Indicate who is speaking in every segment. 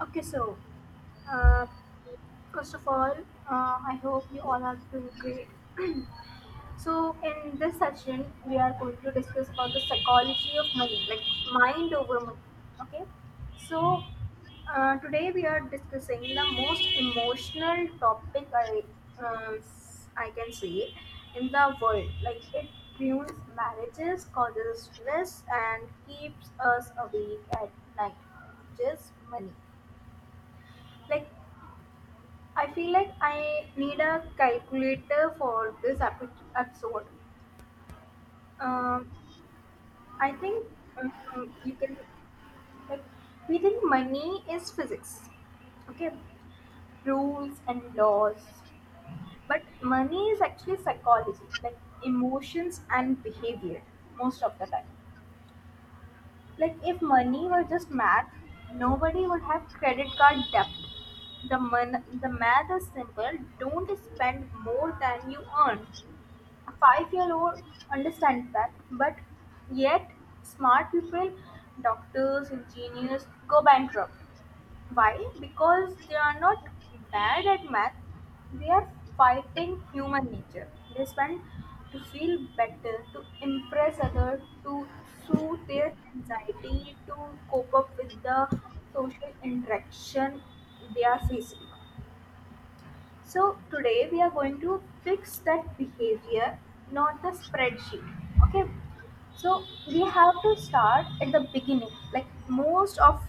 Speaker 1: Okay, so uh, first of all, I hope you all are doing great. So in this session, we are going to discuss about the psychology of money, like mind over money. Okay, so today we are discussing the most emotional topic I can say in the world. Like it ruins marriages, causes stress, and keeps us awake at night. Just money like I feel like I need a calculator for this episode. Um, I think um, you can like we think money is physics, okay, rules and laws, but money is actually psychology, like emotions and behavior most of the time. Like if money were just math, nobody would have credit card debt. The math is simple. Don't spend more than you earn. A five-year-old understands that, but yet smart people, doctors, engineers, go bankrupt. Why? Because they are not bad at math. They are fighting human nature. They spend to feel better, to impress others, to soothe their anxiety, to cope up with the social interaction they are facing. So today we are going to fix that behavior, not the spreadsheet. Okay. So we have to start at the beginning. Like most of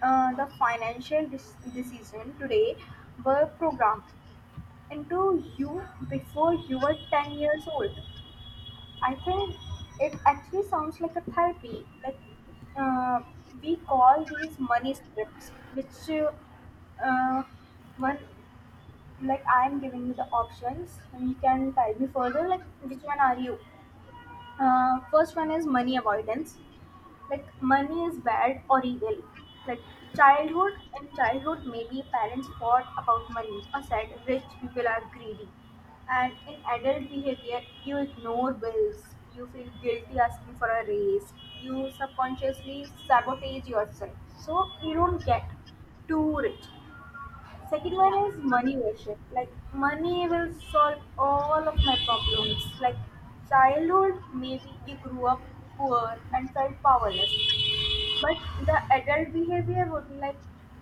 Speaker 1: the financial decision today were programmed into you before you were 10 years old. I think it actually sounds like a therapy. Like uh, we call these money scripts, which uh, one like I'm giving you the options you can tell me further like which one are you. Uh, first one is money avoidance, like money is bad or evil. Like childhood, in childhood maybe parents fought about money or said rich people are greedy, and in adult behavior you ignore bills, you feel guilty asking for a raise, you subconsciously sabotage yourself so you don't get too rich. Second one
Speaker 2: Yeah,
Speaker 1: is money worship. Like money will solve all of my problems. Like childhood, maybe you grew up poor and felt powerless. But the adult behavior would be like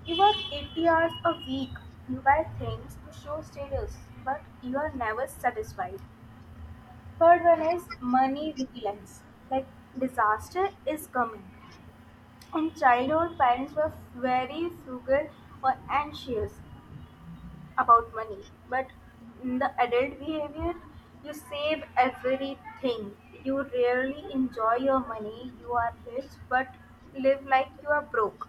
Speaker 1: you work 80 hours a week, you buy things to show status, but you are never satisfied. Third one is money vigilance. Like disaster is coming. In childhood, parents were very frugal or anxious about money, but in the adult behavior you save everything, you rarely enjoy your money, you are rich but live like you are broke.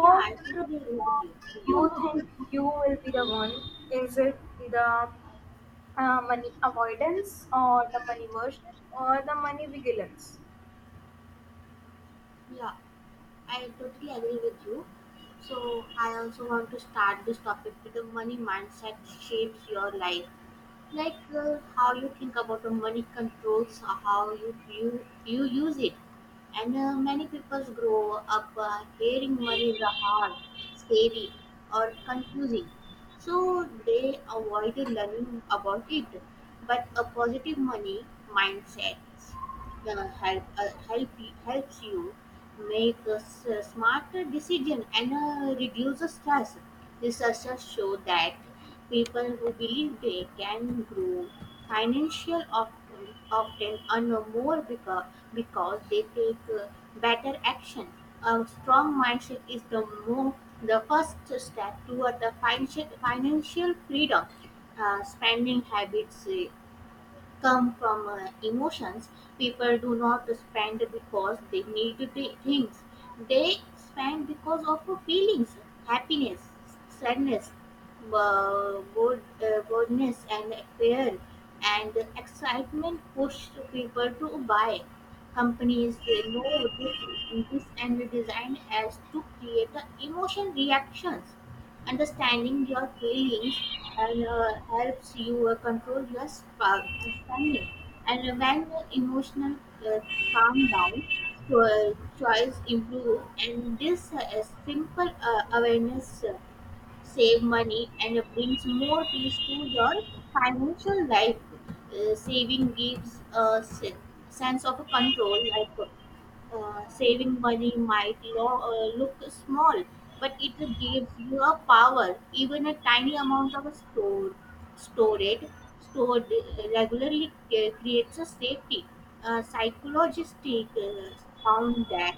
Speaker 2: yeah, I
Speaker 1: do
Speaker 2: totally agree with you.
Speaker 1: you think you will be the one? Is it the money avoidance, or the money version, or the money vigilance?
Speaker 2: Yeah, I totally agree with you. So I also want to start this topic with the money mindset shapes your life. Like how you think about the money controls how you use it, and many people grow up hearing money is a hard, scary, or confusing, so they avoid learning about it. But a positive money mindset helps you make a smarter decision and reduce the stress. Researchers show that people who believe they can grow financial often earn more because they take better action. A strong mindset is the mo- the first step toward the financial freedom. Spending habits come from emotions. People do not spend because they need the things. They spend because of feelings, happiness, sadness, boredness, and fear. And excitement push people to buy. Companies know this and design as to create emotion reactions. Understanding your feelings and helps you control your spending. And when emotional uh, calm down, choice improve. And this a simple awareness save money, and it brings more peace to your financial life. Saving gives a sense of control, like. Saving money might look small, but it gives you a power. Even a tiny amount of stored stored regularly creates a safety. Psychologists found that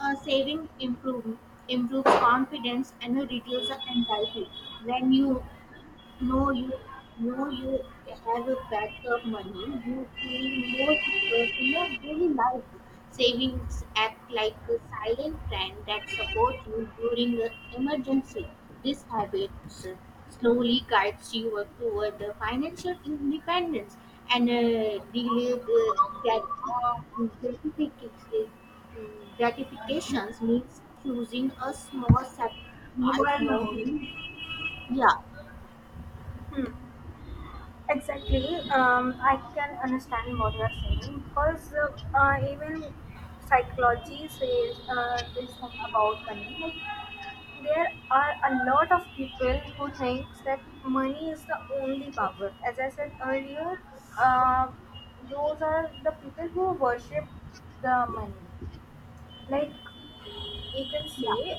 Speaker 2: uh, saving improve, improves confidence and reduces anxiety. When you no, you no, you have a backup money, you feel more secure in a daily life. Savings act like a silent friend that supports you during an emergency. This habit slowly guides you toward the financial independence, and delayed gratifications means choosing a small sacrifice.
Speaker 1: Mobile.
Speaker 2: No, yeah,
Speaker 1: Hmm. Exactly. I can understand what you are saying because even psychology says this thing about money. Like, there are a lot of people who thinks that money is the only power. As I said earlier, uh, those are the people who worship the money. Like you can
Speaker 2: yeah,
Speaker 1: say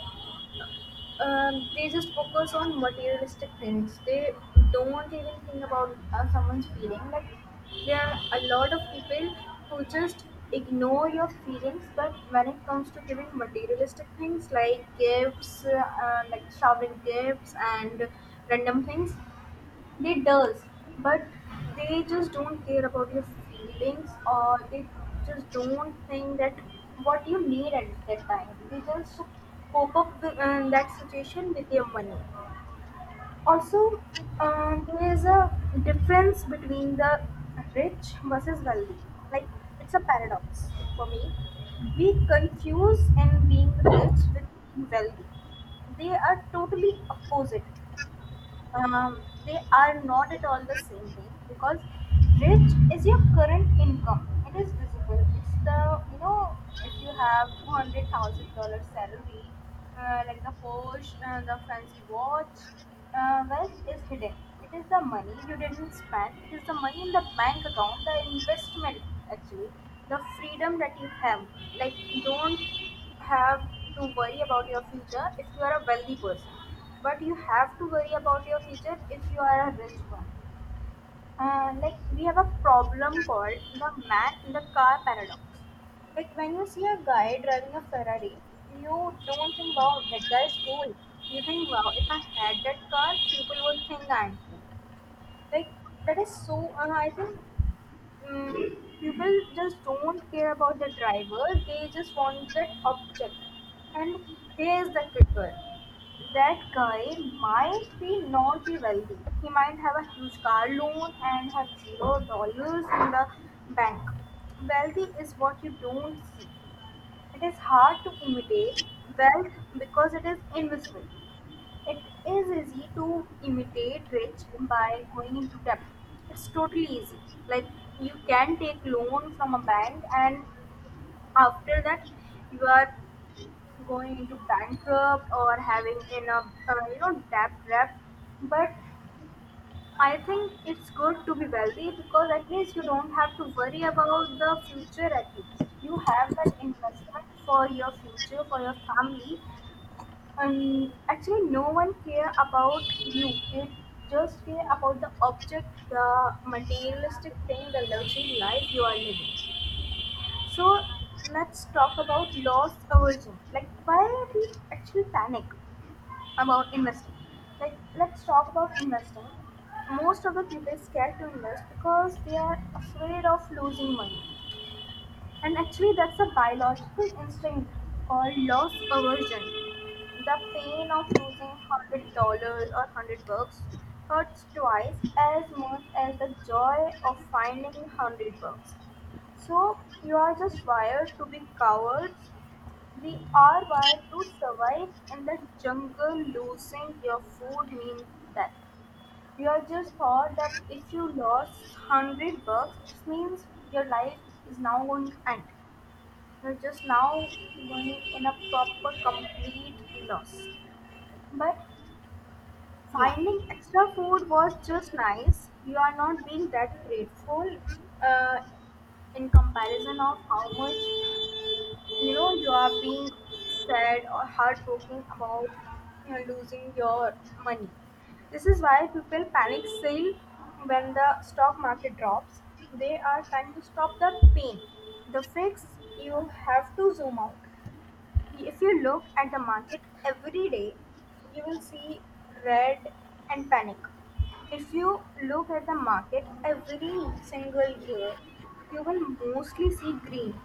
Speaker 1: they just focus on materialistic things. They don't even think about someone's feeling. Like there are a lot of people who just ignore your feelings, but when it comes to giving materialistic things like gifts, like showering gifts and random things, they does, but they just don't care about your feelings, or they just don't think that what you need at that time. They just cope up with that situation with your money. Also, there is a difference between the rich versus wealthy. Like it's a paradox for me. We confuse and being rich with being wealthy. They are totally opposite. They are not at all the same thing, because rich is your current income. It is visible. It's the you know, if you have $200,000 salary, like the Porsche, the fancy watch. Uh, wealth is hidden. It is the money you didn't spend. It is the money in the bank account, the investment, actually the freedom that you have. Like you don't have to worry about your future if you are a wealthy person, but you have to worry about your future if you are a rich one. Like we have a problem called the man in the car paradox. Like when you see a guy driving a Ferrari, you don't think, "Wow, that guy is cool." You think, "Wow, if I had that car, people would think I'm cool." Like that is so. I think, mm, people just don't care about the driver, they just want that object. And here's the kicker, that guy might be not be wealthy. He might have a huge car loan and have $0 in the bank. Wealthy is what you don't see. It is hard to imitate wealth because it is invisible. It is easy to imitate rich by going into debt. It's totally easy. Like you can take loan from a bank, and after that you are going into bankrupt or having in a you know debt trap. But I think it's good to be wealthy because at least you don't have to worry about the future at least. You have that investment for your future, for your family, and actually no one care about you, they just care about the object, the materialistic thing, the luxury life you are living. So let's talk about loss aversion, like why we actually panic about investing. Like let's talk about investing. Most of the people is scared to invest because they are afraid of losing money, and actually, that's a biological instinct called loss aversion. The pain of losing $100 or 100 bucks hurts twice as much as the joy of finding 100 bucks. So you are just wired to be cowards. We are wired to survive in the jungle. Losing your food means death. You are just thought that if you lost 100 bucks, this means your life is now going to end, you are just now going in a proper complete loss. But
Speaker 2: yeah,
Speaker 1: finding extra food was just nice. You are not being that grateful uh, in comparison of how much you know you are being sad or heartbroken about, you know, losing your money. This is why people panic sell when the stock market drops. They are trying to stop the pain. The fix, you have to zoom out. If you look at the market every day, you will see red and panic. If you look at the market every single year, you will mostly see green.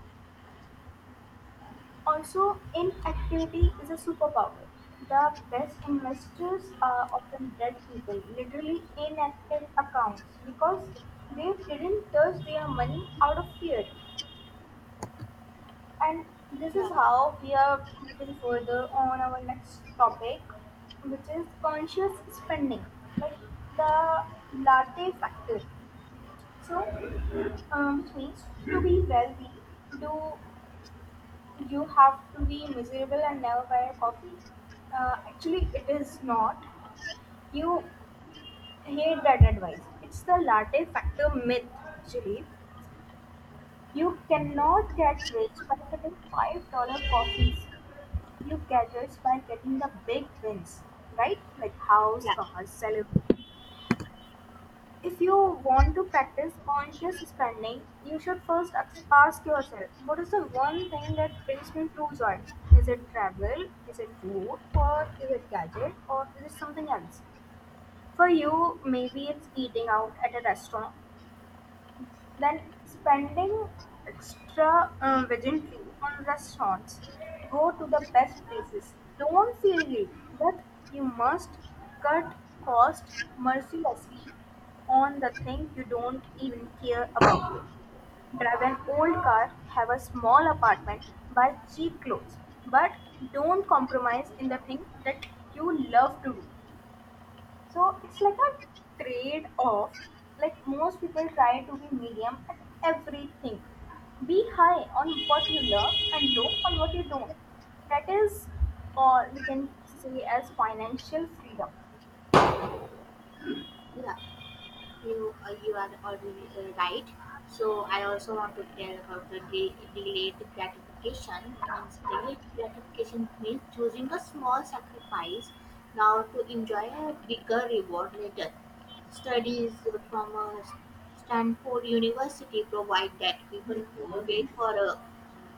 Speaker 1: Also, inactivity is a superpower. The best investors are often dead people, literally inactive accounts, because they didn't touch their money out of fear. And this
Speaker 2: yeah.
Speaker 1: is how we are looking further on our next topic, which is conscious spending, like the latte factor. So, Swings, to be wealthy, do you have to be miserable and never buy a coffee? Actually, it is not. You hate that advice. It's the latte factor myth, actually. You cannot get rich by sipping $5 coffees. You caters by getting the big wins, right? Like house,
Speaker 2: Yeah.
Speaker 1: cars, salary. If you want to practice conscious spending, you should first ask yourself, what is the one thing that brings me true joy? Is it travel? Is it food? Or is it gadget? Or is it something else? For you, maybe it's eating out at a restaurant. Then spending extra extravagantly on restaurants. Go to the best places. Don't feel guilty that you must cut cost mercilessly on the thing you don't even care about. Drive an old car, have a small apartment, buy cheap clothes, but don't compromise in the thing that you love to do. So it's like a trade off. Like most people try to be medium at everything. Be high on what you love and low on what you don't. That is all we can say as financial freedom.
Speaker 2: Yeah. You you are already right. So I also want to tell about the delayed gratification. Means delayed gratification means choosing a small sacrifice now to enjoy a bigger reward later. Studies from Stanford University provide that people who wait for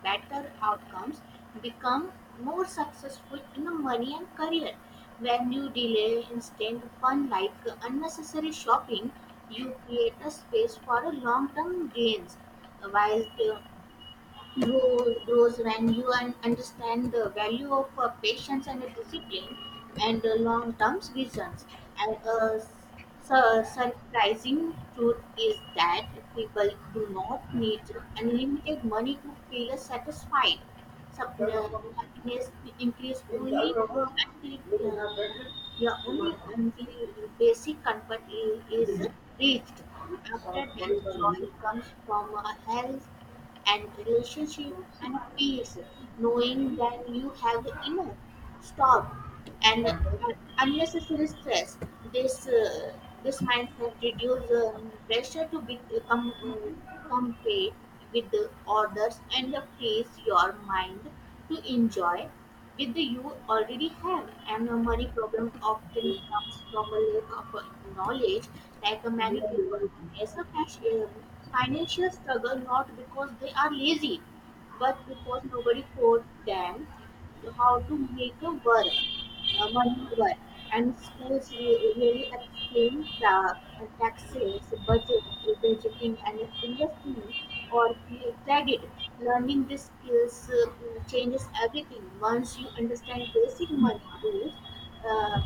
Speaker 2: better outcomes become more successful in the money and career. When you delay instant fun like unnecessary shopping, you create a space for a long-term gains, while the grows when you understand the value of patience and discipline and long-term visions. And a surprising truth is that people do not need unlimited money to feel satisfied. sub- uh, Happiness will increase only until yeah, only until basic comfort is reached. After that, joy comes from a health and relationship and a peace, knowing that you have enough. Stop and uh, unnecessary stress. This uh, this mindset reduces pressure to be, compete with the others and place your mind to enjoy with the you already have. And a money problem often comes from a lack of knowledge, like many people face a financial struggle not because they are lazy, but because nobody taught them how to make a work. Madhurai, and schools really explain the taxes, budgeting, and investing or credit. Learning these skills changes everything. Once you understand basic money rules, uh,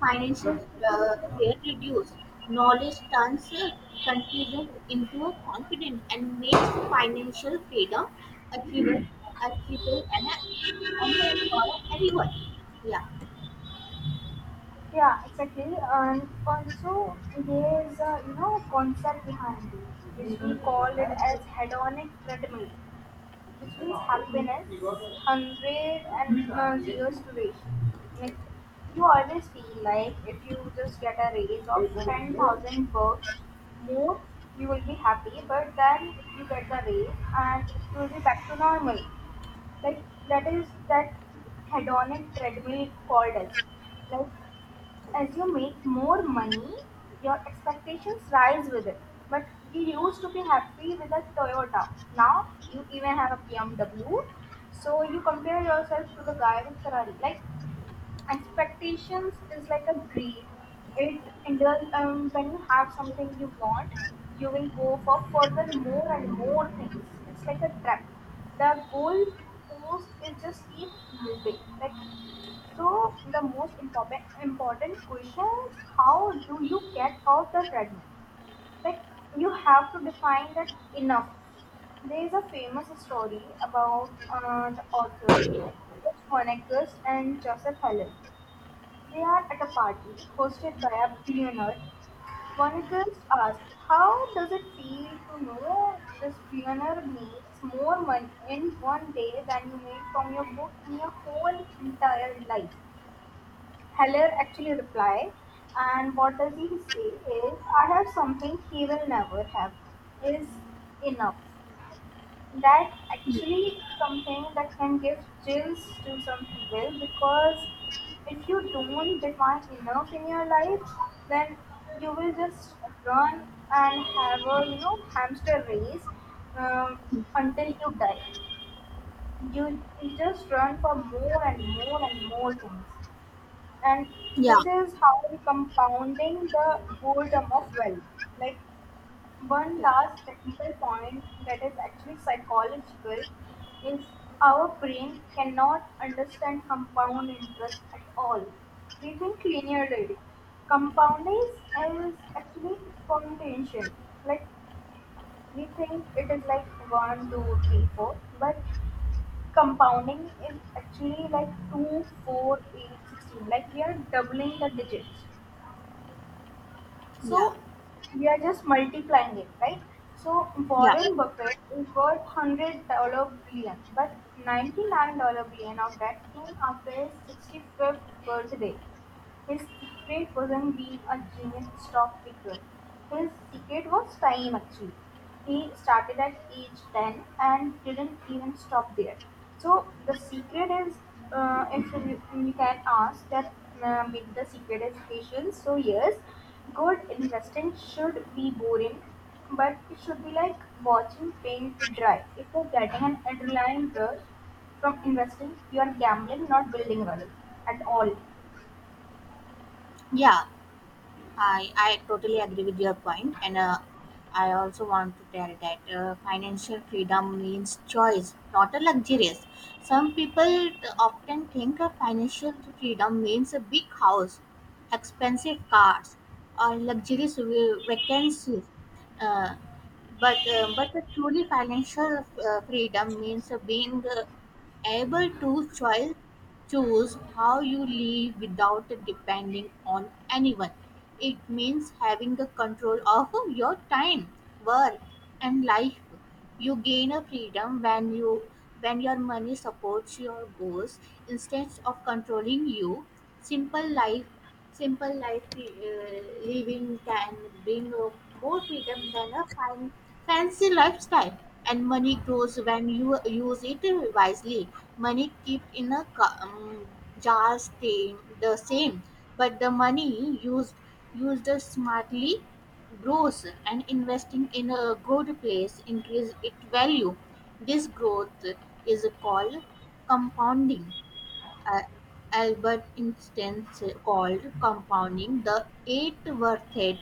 Speaker 2: financial fear reduced. Knowledge turns confusion into confidence and makes financial freedom achievable, achievable and for everyone. Yeah.
Speaker 1: Yeah, exactly. And also, there's a you know concept behind it, which we call it as hedonic treadmill, which means happiness, hundred and zero duration. Like you always feel like if you just get a raise of 10,000 bucks more, you will be happy. But then you get the raise and you will be back to normal. Like that is that hedonic treadmill called us. Like as you make more money, your expectations rise with it. But you used to be happy with a Toyota. Now you even have a BMW. So you compare yourself to the guy with Ferrari. Like expectations is like a greed. It and then, when you have something you want, you will go for further more and more things. It's like a trap. The goal post is just keep moving. Like so the most important question is, how do you get off the treadmill? Like you have to define that enough. There is a famous story about the author, George Monacus and Joseph Heller. They are at a party hosted by a billionaire. Monacus asks, "How does it feel to know this billionaire makes more money in one day than you made from your book in your whole entire life?" Heller actually replies, and what does he say is, I have something he will never have, is enough. That actually something that can give chills to some people, because if you don't define enough in your life, then you will just run and have a hamster race um, until you die. You just run for more and more and more things, and
Speaker 2: Yeah,
Speaker 1: this is how we compounding the boredom of wealth. Like, one
Speaker 2: yeah,
Speaker 1: last technical point that is actually psychological is, our brain cannot understand compound interest at all. We think linearly. Compounding is actually exponential. Like, we think it is like one, two, three, four, but compounding is actually like 2, 4, 8, 16. Like, we are doubling the digits.
Speaker 2: yeah,
Speaker 1: So we are just multiplying it, right? So
Speaker 2: yeah,
Speaker 1: Warren Buffett is worth $100 billion, but ninety billion dollar billion of that came after his 65th birthday. His secret wasn't being a genius stock picker. His secret was time actually. He started at age 10 and didn't even stop there. So the secret is, if you can ask that, maybe the secret is patience. So yes, good investing should be boring, but it should be like watching paint dry. If you're getting an adrenaline rush from investing, you are gambling, not building wealth at all.
Speaker 2: yeah. I totally agree with your point, and I also want to tell that financial freedom means choice, not a luxurious. Some people often think of financial freedom means a big house, expensive cars, or luxurious vacancies. Uh, but the truly financial freedom means being able to choice choose how you live without depending on anyone. It means having the control of your time, work, and life. You gain a freedom when your money supports your goals instead of controlling you. Simple life Simple life living can bring more freedom than a fancy lifestyle, and money grows when you use it wisely. Money kept in a jar stay the same, but the money used smartly grows, and investing in a good place increase its value. This growth is called compounding. uh, Albert instance called compounding the eight worth head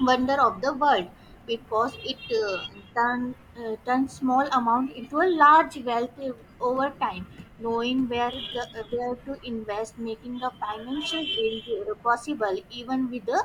Speaker 2: wonder of the world, because it turns small amount into a large wealth over time, knowing where the where to invest, making a financial dream possible even with a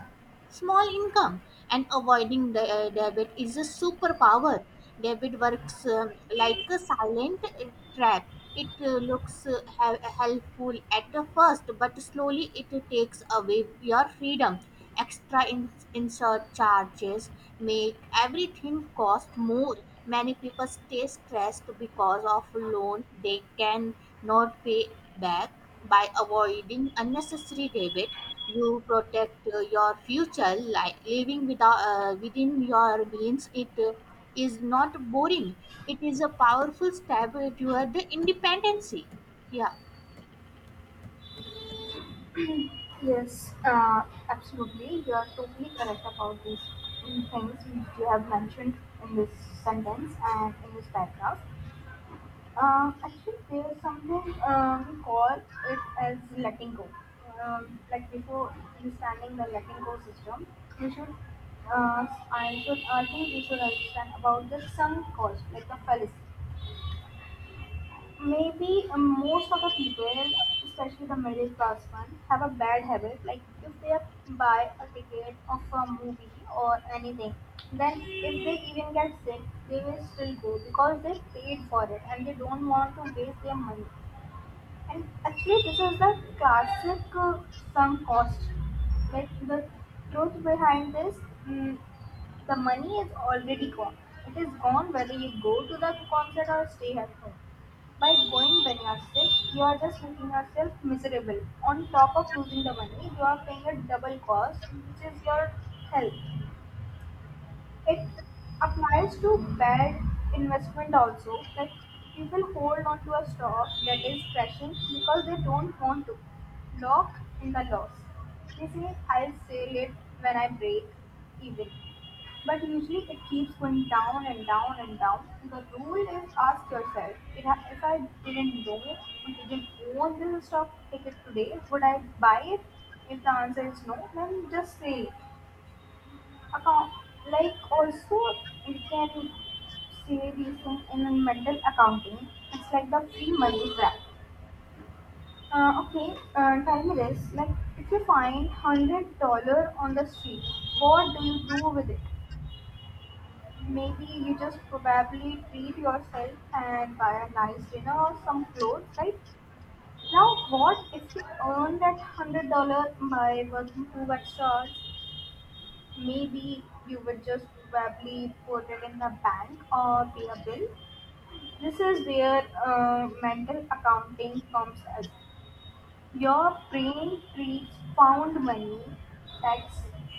Speaker 2: small income. And avoiding the debit is a superpower. Debit works like a silent trap. It looks helpful at first, but slowly it takes away your freedom. Extra insert charges make everything cost more. Many people stay stressed because of loan they can not pay back. By avoiding unnecessary debit, you protect your future. Like living without within your means, it is not boring. It is a powerful step toward the independency. Yeah.
Speaker 1: Yes, absolutely. You are totally correct about these things which you have mentioned in this sentence and in this paragraph. Actually, there's something we call it as letting go. Like, before understanding the letting go system, we should, uh, I should, I think we should understand about the sunk cost, like the fallacy. Maybe most of the people, especially the middle class one, have a bad habit. Like, if they buy a ticket of a movie or anything, then if they even get sick, they will still go because they paid for it and they don't want to waste their money. And actually, this is the classic sunk cost. Like, the truth behind this, mm, the money is already gone. It is gone whether you go to the concert or stay at home. By going when you are sick, you are just making yourself miserable. On top of losing the money, you are paying a double cost, which is your health. It applies to bad investment also. Like, people hold on to a stock that is crashing because they don't want to lock in the loss. They say, "I'll sell it when I break even." But usually it keeps going down and down and down. The rule is, ask yourself, if I didn't know, didn't own this stock ticket today, would I buy it? If the answer is no, then just sell it. Account Like also, you can say these things in a mental accounting. It's like the free money trap. Okay, tell me this. Like, if you find $100 on the street, what do you do with it? Maybe you just probably treat yourself and buy a nice dinner or some clothes, right? Now, what if you earn that $100 by working 2 extra hours? Maybe you would just probably put it in the bank or pay a bill. This is where mental accounting comes as, your brain treats found money, tax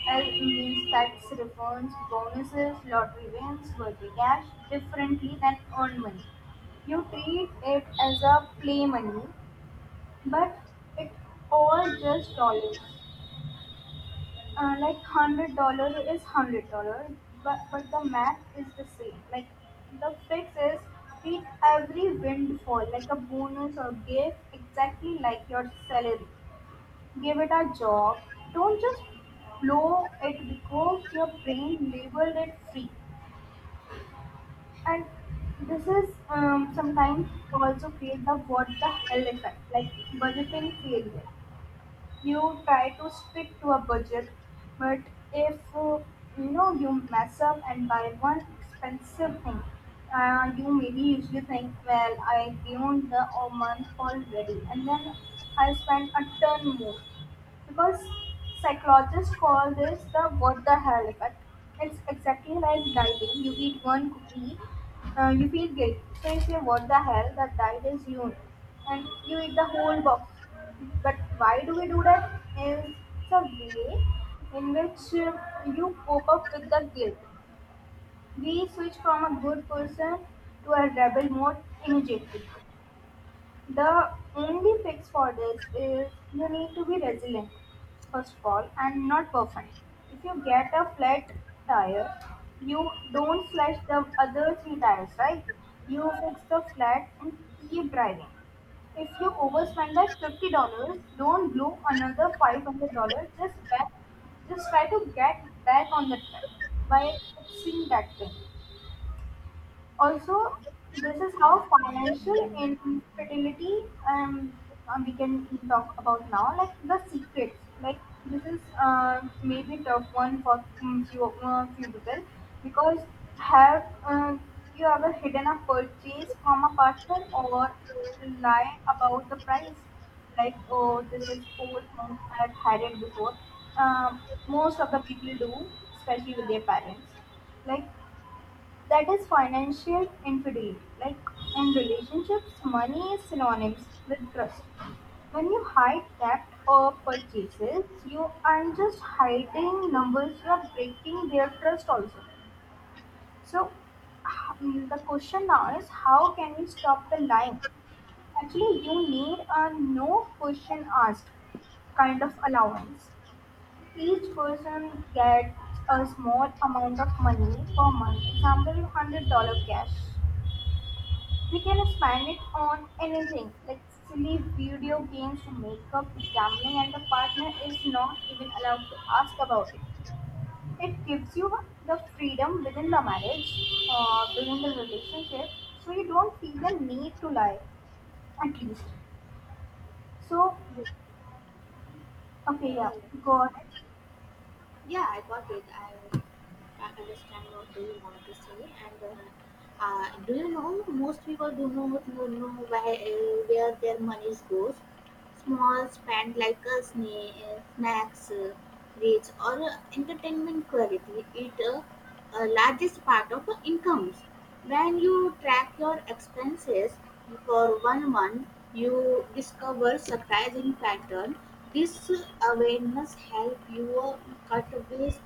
Speaker 1: as means tax refunds, bonuses, lottery wins, birthday cash differently than earned money. You treat it as a play money, but it all just dollars. Like, $100 is $100, but the math is the same. Like, the fix is treat every windfall like a bonus or gift exactly like your salary. Give it a job. Don't just blow it because your brain labeled it free. And this is sometimes also create the what the hell effect, like budgeting failure. You try to stick to a budget, but if you mess up and buy one expensive thing, you maybe usually think, well I beyond the a month already, and then I spend a ton more because psychologists call this the what the hell effect. It's exactly like dieting. You eat one cookie, you feel guilty. So you say, what the hell, that diet is you. And you eat the whole box. But why do we do that? Is It's a way in which you cope up with the guilt. We switch from a good person to a rebel mode immediately. The only fix for this is, you need to be resilient, first of all, and not perfect. If you get a flat tire, you don't slash the other three tires, right? You fix the flat and keep driving. If you overspend by $50, don't blow another $500. Just try to get back on the track by fixing that thing. Also, this is how financial infertility, um, we can talk about now, like the secrets. Like, this is maybe tough one for few people, because have you ever hidden a purchase from a partner or lie about the price? Like, oh, this is four things I've had it before. Um Most of the people do, especially with their parents. Like, that is financial infidelity. Like, in relationships, money is synonymous with trust. When you hide debt or purchases, you aren't just hiding numbers, you are breaking their trust also. So, the question now is, how can we stop the lying? Actually, you need a no question asked kind of allowance. Each person gets a small amount of money per month, example $100 cash. We can spend it on anything, like silly video games to makeup to gambling, and the partner is not even allowed to ask about it. It gives you the freedom within the marriage, within the relationship, so you don't feel the need to lie, at least. So,
Speaker 2: Yeah,
Speaker 1: okay,
Speaker 2: yeah,
Speaker 1: yeah,
Speaker 2: yeah.
Speaker 1: go ahead.
Speaker 2: Yeah, I got it. I understand what do you want to say, and do you know most people do not know where their money goes. Small spend like a snacks, reach or entertainment quality eat a largest part of incomes. When you track your expenses for one month, you discover surprising pattern. This Awareness help you cut waste,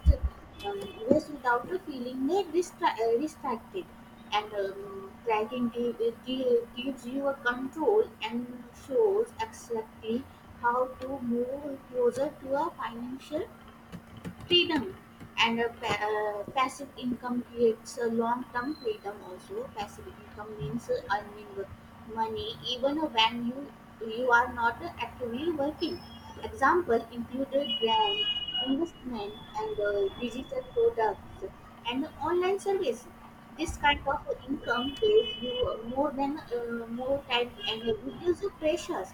Speaker 2: um, without feeling distracted, and tracking gives you a control and shows exactly how to move closer to a financial freedom. And a passive income creates a long-term freedom. Also, passive income means earning money even when you are not actively working. Example included brand investment and digital products and online service. This kind of income pays you more than more time and reduce the pressures.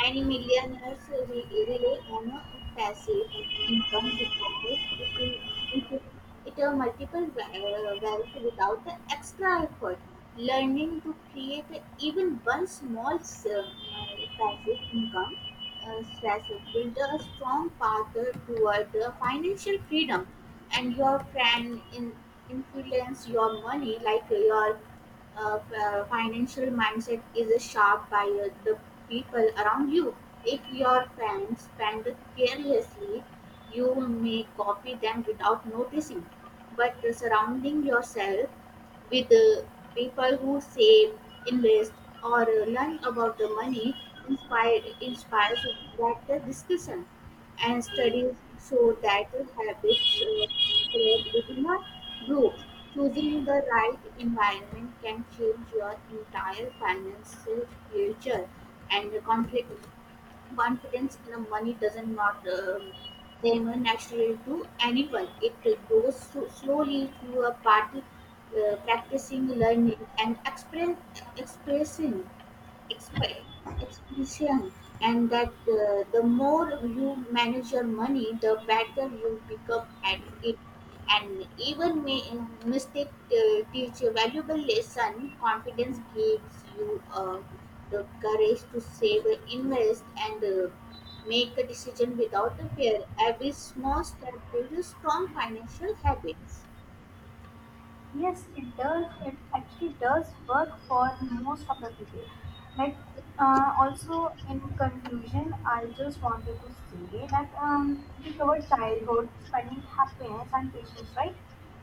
Speaker 2: Many millionaires rely on a passive income, because will- it will multiple wealth without the extra effort. Learning to create even one passive income stress build a strong path toward the financial freedom. And your influence your money, like your financial mindset is shaped by the people around you. If your friends spend carelessly, you may copy them without noticing. But surrounding yourself with people who save, invest, or learn about the money inspires that the discussion. And studies show that habits spread within a group. Choosing the right environment can change your entire financial future, and contribute confidence in the money doesn't not come naturally to anyone. It goes so slowly through a party, practicing, learning, and expressing expe- efficient, and that the more you manage your money, the better you become at it. And even may mistake teach a valuable lesson. Confidence gives you the courage to save, invest, and make a decision without a fear. Every small step builds strong financial habits.
Speaker 1: Yes, it does. It actually does work for most of the people. Like, also in conclusion, I just wanted to say that, we covered childhood, spending, happiness, and patience, right?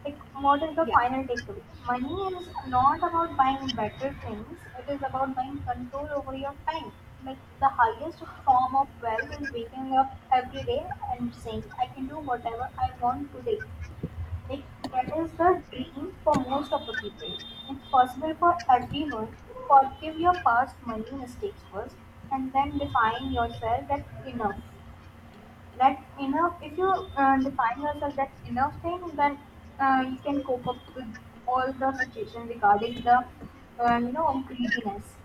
Speaker 1: Like, what is the
Speaker 2: Yeah.
Speaker 1: final takeaway? Money is not about buying better things. It is about buying control over your time. Like, the highest form of wealth is waking up every day and saying, "I can do whatever I want today." Like, that is the dream for most of the people. It's possible for everyone. Forgive your past money mistakes first, and then define yourself that enough. That enough. If you define yourself that enough thing, then you can cope up with all the situation regarding the greediness,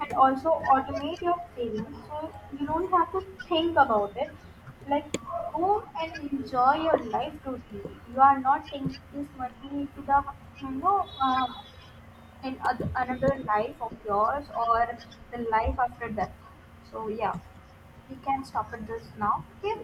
Speaker 1: and also automate your savings so you don't have to think about it. Like, go and enjoy your life totally. You are not taking this money to the you know uh, in another life of yours or the life after death. So yeah, we can stop at this now. Okay.